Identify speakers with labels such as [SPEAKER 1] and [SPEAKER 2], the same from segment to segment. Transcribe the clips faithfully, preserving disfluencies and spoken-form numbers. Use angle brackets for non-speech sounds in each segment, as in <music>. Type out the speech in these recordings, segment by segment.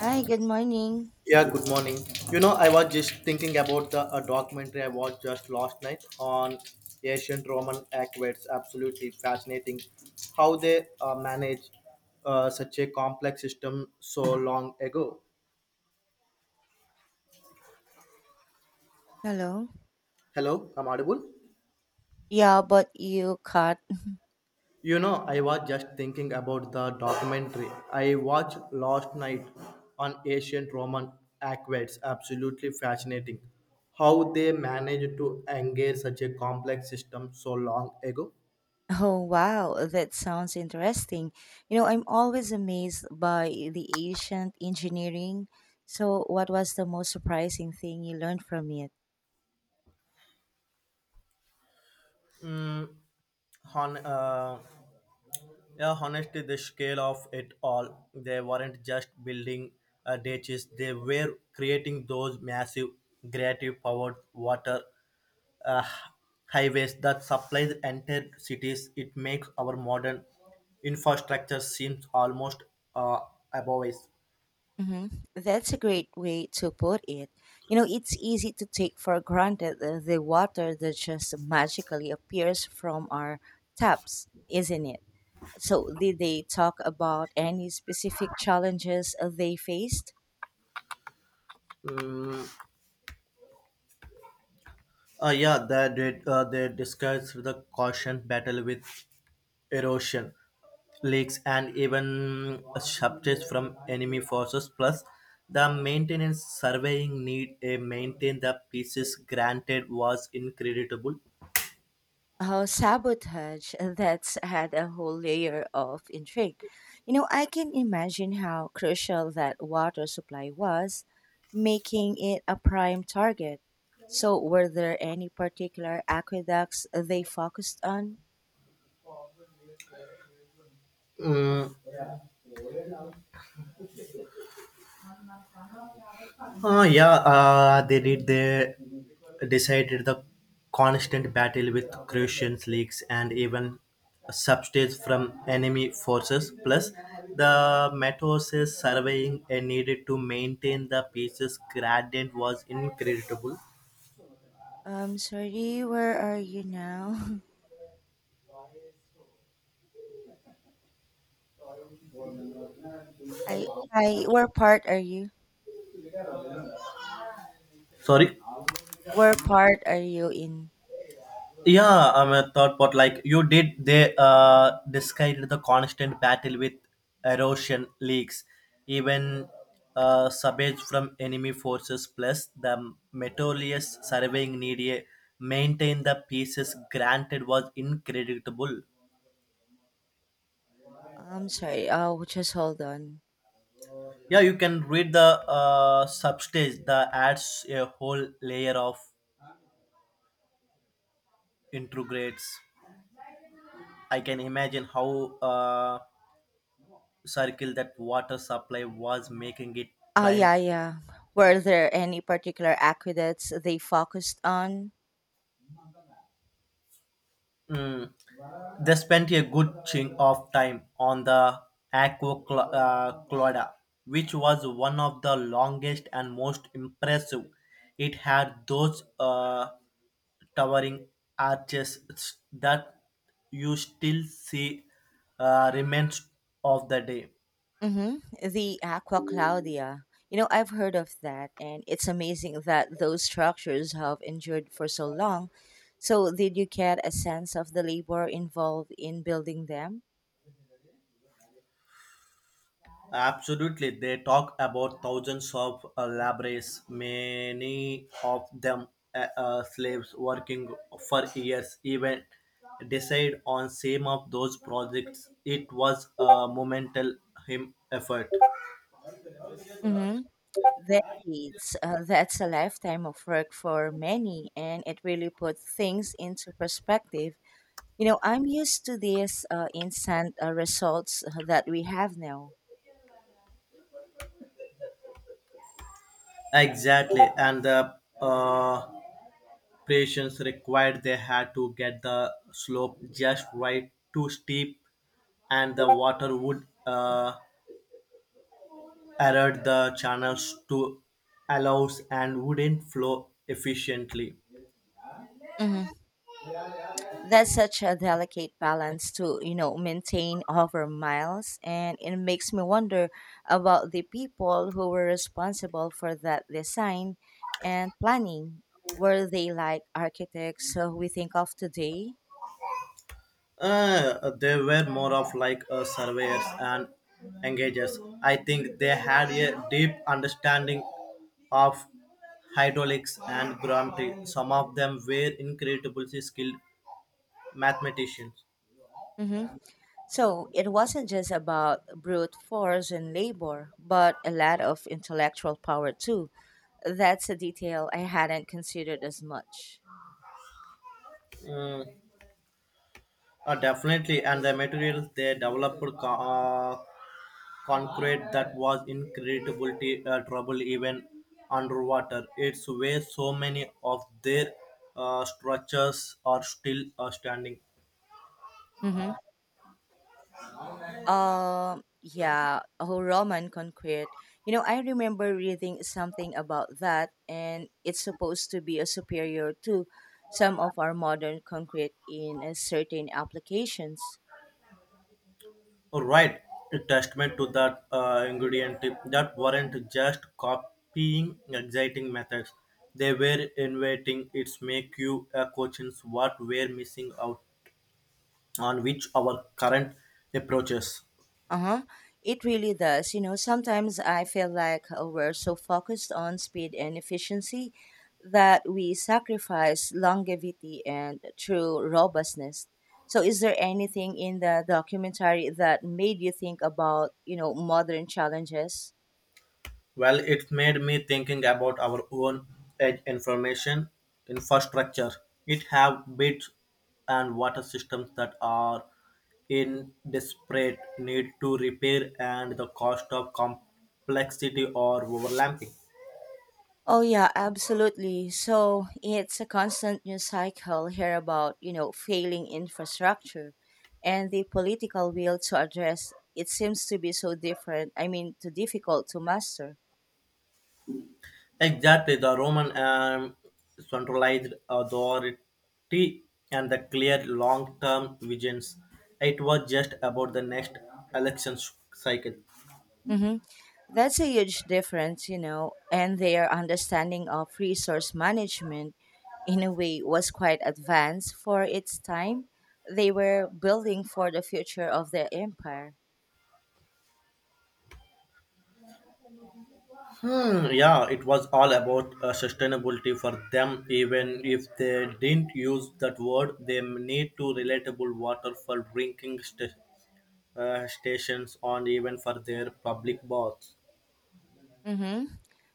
[SPEAKER 1] Hi, good morning.
[SPEAKER 2] Yeah, good morning. You know, I was just thinking about the a documentary I watched just last night on ancient Roman aqueducts. Absolutely fascinating how they uh, managed uh, such a complex system so long ago.
[SPEAKER 1] Hello.
[SPEAKER 2] Hello, I'm audible.
[SPEAKER 1] Yeah, but you cut. <laughs>
[SPEAKER 2] You know, I was just thinking about the documentary I watched last night on ancient Roman aqueducts. Absolutely fascinating how they managed to engage such a complex system so long ago.
[SPEAKER 1] Oh, wow, that sounds interesting. You know, I'm always amazed by the ancient engineering. So, what was the most surprising thing you learned from it?
[SPEAKER 2] Mm, Hon- uh, yeah, honestly, the scale of it all, they weren't just building uh, ditches, they were creating those massive creative powered water uh, highways that supplies entire cities. It makes our modern infrastructure seems almost uh, above us.
[SPEAKER 1] Hmm. That's a great way to put it. You know, it's easy to take for granted the, the water that just magically appears from our taps, isn't it? So, did they talk about any specific challenges they faced?
[SPEAKER 2] Mm, Uh, yeah, they did. Uh, they discussed the caution battle with erosion, leaks, and even subjects from enemy forces. Plus, the maintenance surveying need a maintain the pieces granted was incredible.
[SPEAKER 1] Oh, sabotage. That's had a whole layer of intrigue. You know, I can imagine how crucial that water supply was, making it a prime target. So, were there any particular aqueducts they focused on?
[SPEAKER 2] Mm, Uh, yeah, uh, they did. They decided the constant battle with Croatian leagues and even substitutes from enemy forces. Plus, the Matos's surveying and needed to maintain the peace gradient was incredible.
[SPEAKER 1] Um, sorry, where are you now? <laughs> I, I, where part are you?
[SPEAKER 2] Sorry.
[SPEAKER 1] Where part are you in?
[SPEAKER 2] Yeah, I'm a thought pot. Like you did they uh described the constant battle with erosion leaks, even uh subage from enemy forces plus the meticulous surveying needed maintain the pieces granted was incredible.
[SPEAKER 1] I'm sorry. Oh, just hold on.
[SPEAKER 2] Yeah, you can read the uh substage that adds a whole layer of integrates. I can imagine how uh circle that water supply was making it
[SPEAKER 1] Oh,
[SPEAKER 2] prime.
[SPEAKER 1] yeah, yeah. Were there any particular aqueducts they focused on?
[SPEAKER 2] Mm. They spent a good chunk of time on the Aqua Cla- uh, Clauda, which was one of the longest and most impressive. It had those uh, towering arches that you still see uh, remains of the day.
[SPEAKER 1] Mm-hmm. The Aqua Claudia. You know, I've heard of that, and it's amazing that those structures have endured for so long. So, did you get a sense of the labor involved in building them?
[SPEAKER 2] Absolutely, they talk about thousands of uh, laborers, many of them uh, uh, slaves working for years, even decide on some of those projects. It was a monumental him effort.
[SPEAKER 1] Mm-hmm. Decades. Uh, that's a lifetime of work for many, and it really puts things into perspective. You know, I'm used to these uh, instant uh, results uh, that we have now.
[SPEAKER 2] Exactly, and the uh, patience required they had to get the slope just right, too steep, and the water would uh, aerate the channels to allows and wouldn't flow efficiently.
[SPEAKER 1] Hmm. That's such a delicate balance to, you know, maintain over miles. And it makes me wonder about the people who were responsible for that design and planning. Were they like architects uh, we think of today?
[SPEAKER 2] Uh, they were more of like uh, surveyors and engagers. I think they had a deep understanding of hydraulics and geometry. Some of them were incredibly skilled mathematicians.
[SPEAKER 1] Mm-hmm. So it wasn't just about brute force and labor, but a lot of intellectual power too. That's a detail I hadn't considered as much.
[SPEAKER 2] Mm, uh, Definitely, and the materials they developed co- uh, concrete that was in incredible t- uh, trouble even underwater. It's where so many of their uh, structures are still uh, standing.
[SPEAKER 1] Mm-hmm. Um, yeah, oh, Roman concrete. You know, I remember reading something about that, and it's supposed to be a superior to some of our modern concrete in a certain applications.
[SPEAKER 2] Right, a testament to that uh, ingredient tip that weren't just copying exciting methods. They were innovating. It's make you a questions what we're missing out on which our current approaches.
[SPEAKER 1] Uh-huh. It really does. You know, sometimes I feel like uh, we're so focused on speed and efficiency that we sacrifice longevity and true robustness. So is there anything in the documentary that made you think about, you know, modern challenges?
[SPEAKER 2] Well, it made me thinking about our own edge information infrastructure. It have bits and water systems that are in desperate need to repair and the cost of complexity or overlapping.
[SPEAKER 1] Oh yeah, absolutely. So it's a constant news cycle here about, you know, failing infrastructure and the political will to address it seems to be so different. I mean, too difficult to master.
[SPEAKER 2] Exactly, the Roman um, centralized authority and the clear long-term visions. It was just about the next election cycle.
[SPEAKER 1] Hmm. That's a huge difference, you know, and their understanding of resource management in a way was quite advanced for its time. They were building for the future of their empire.
[SPEAKER 2] Hmm, yeah, it was all about uh, sustainability for them. Even if they didn't use that word, they need to relatable water for drinking st- uh, stations and even for their public baths.
[SPEAKER 1] Mm-hmm.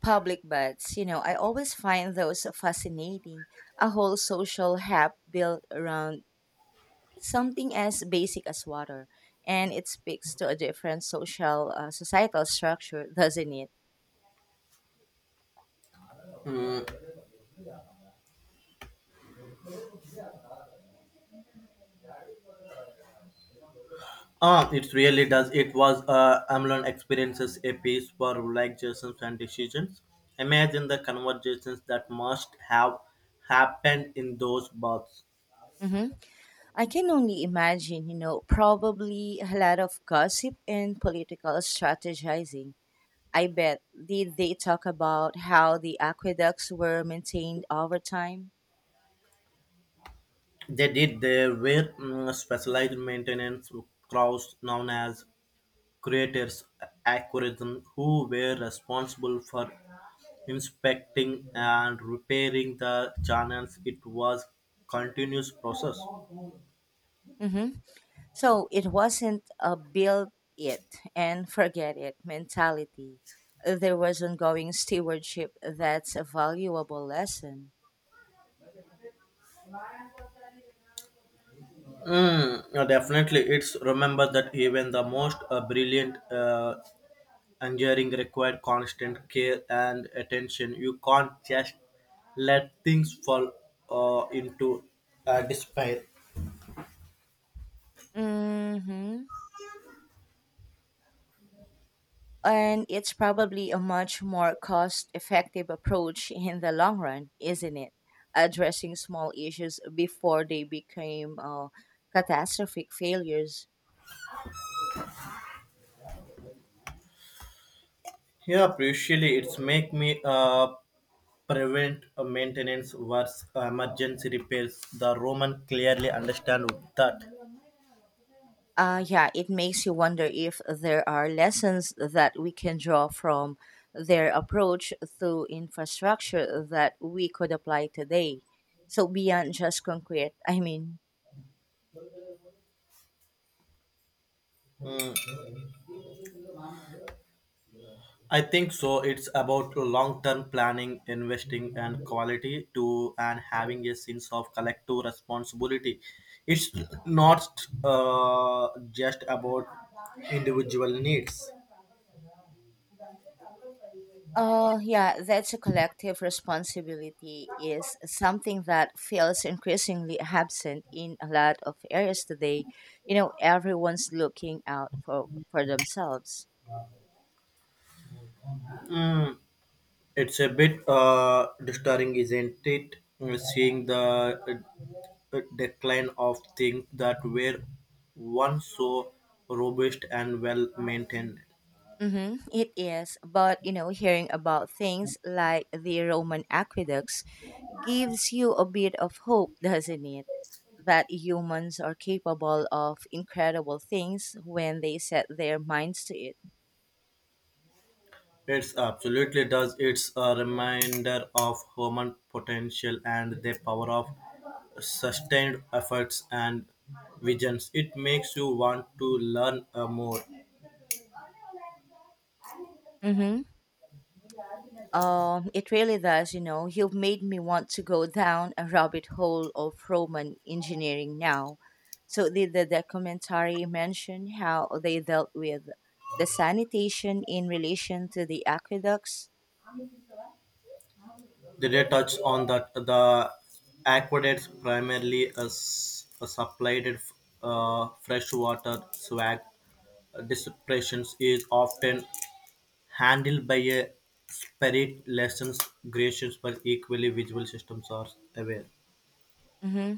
[SPEAKER 1] Public baths. You know, I always find those fascinating. A whole social hub built around something as basic as water, and it speaks to a different social uh, societal structure, doesn't it?
[SPEAKER 2] Ah, it really does. It was uh, Amlon experiences a piece for relaxations and decisions. Imagine the conversations that must have happened in those baths.
[SPEAKER 1] Hmm. I can only imagine. You know, probably a lot of gossip and political strategizing. I bet. Did they talk about how the aqueducts were maintained over time?
[SPEAKER 2] They did. There were mm, specialized maintenance crews known as creators algorithm who were responsible for inspecting and repairing the channels it was continuous process.
[SPEAKER 1] Mm-hmm. So it wasn't a build it and forget it mentality. There was ongoing stewardship. That's a valuable lesson.
[SPEAKER 2] Mm, uh, definitely it's remember that even the most uh, brilliant uh, engineering required constant care and attention you can't just let things fall uh, into uh, despair.
[SPEAKER 1] Mm-hmm. And it's probably a much more cost effective approach in the long run, isn't it? Addressing small issues before they became uh, catastrophic failures.
[SPEAKER 2] Yeah usually it's make me uh, preventive maintenance was emergency repairs. The Roman clearly understand that.
[SPEAKER 1] Uh, yeah, it makes you wonder if there are lessons that we can draw from their approach to infrastructure that we could apply today. So, beyond just concrete, I mean,
[SPEAKER 2] Mm, I think so. It's about long-term planning, investing, and quality to and having a sense of collective responsibility. It's not uh, just about individual needs.
[SPEAKER 1] Uh, yeah, that's a collective responsibility is something that feels increasingly absent in a lot of areas today. You know, everyone's looking out for for themselves.
[SPEAKER 2] Mm, It's a bit uh, disturbing, isn't it? Uh, Seeing the uh, uh, decline of things that were once so robust and well maintained.
[SPEAKER 1] Mm-hmm, it is, but you know, hearing about things like the Roman aqueducts gives you a bit of hope, doesn't it? That humans are capable of incredible things when they set their minds to it.
[SPEAKER 2] It's absolutely does. It's a reminder of human potential and the power of sustained efforts and visions. It makes you want to learn uh, more.
[SPEAKER 1] Mm-hmm. Um, it really does, you know. You've made me want to go down a rabbit hole of Roman engineering now. So, did the documentary mention how they dealt with the sanitation in relation to the aqueducts?
[SPEAKER 2] They touch on that the aqueducts primarily as s- supplied uh, fresh water, swag. Dispersion is often handled by a spirit lessons creations, but equally visual systems are aware.
[SPEAKER 1] Hmm.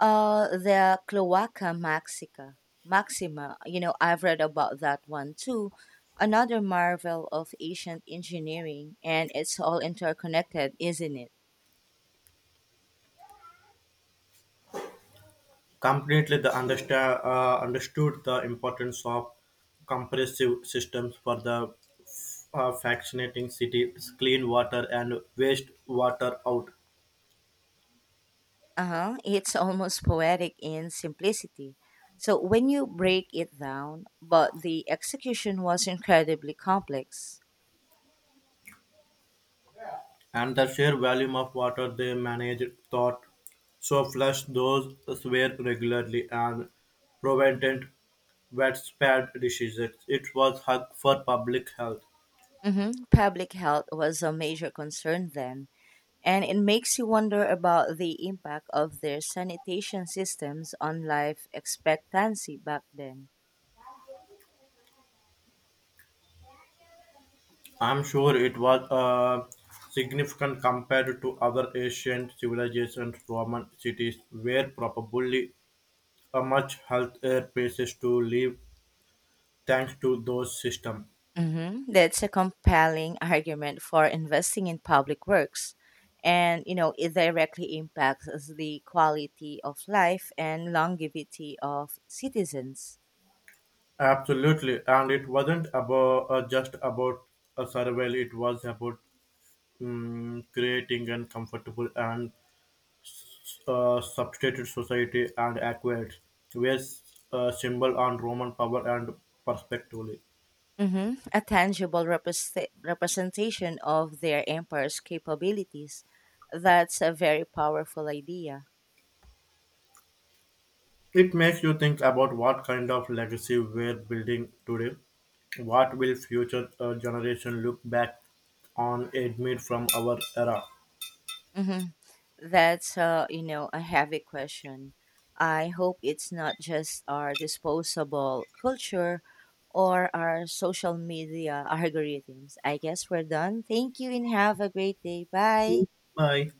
[SPEAKER 1] Uh, the Cloaca Maxica, Maxima. You know, I've read about that one too. Another marvel of ancient engineering, and it's all interconnected, isn't it?
[SPEAKER 2] Completely, the understand uh, understood the importance of compressive systems for the uh, fascinating city, clean water and waste water out.
[SPEAKER 1] Uh huh. It's <laughs> almost poetic in simplicity. So when you break it down, but the execution was incredibly complex.
[SPEAKER 2] And the sheer volume of water they managed thought so flush those were regularly and prevented widespread diseases. It was hug for public health.
[SPEAKER 1] Mm-hmm. Public health was a major concern then. And it makes you wonder about the impact of their sanitation systems on life expectancy back then.
[SPEAKER 2] I'm sure it was uh, significant compared to other ancient civilizations, Roman cities were probably a much healthier places to live thanks to those systems.
[SPEAKER 1] Hmm. That's a compelling argument for investing in public works. And, you know, it directly impacts the quality of life and longevity of citizens.
[SPEAKER 2] Absolutely, and it wasn't about uh, just about a survival; it was about mm, creating an comfortable and uh, substituted society and acquired, where uh, symbol on Roman power and perspectively.
[SPEAKER 1] Hmm. A tangible represent- representation of their empire's capabilities. That's a very powerful idea.
[SPEAKER 2] It makes you think about what kind of legacy we're building today. What will future uh, generation look back on admit from our era?
[SPEAKER 1] Hmm. That's uh, you know, a heavy question. I hope it's not just our disposable culture or our social media <laughs> algorithms. I guess we're done. Thank you and have a great day. Bye.
[SPEAKER 2] Bye.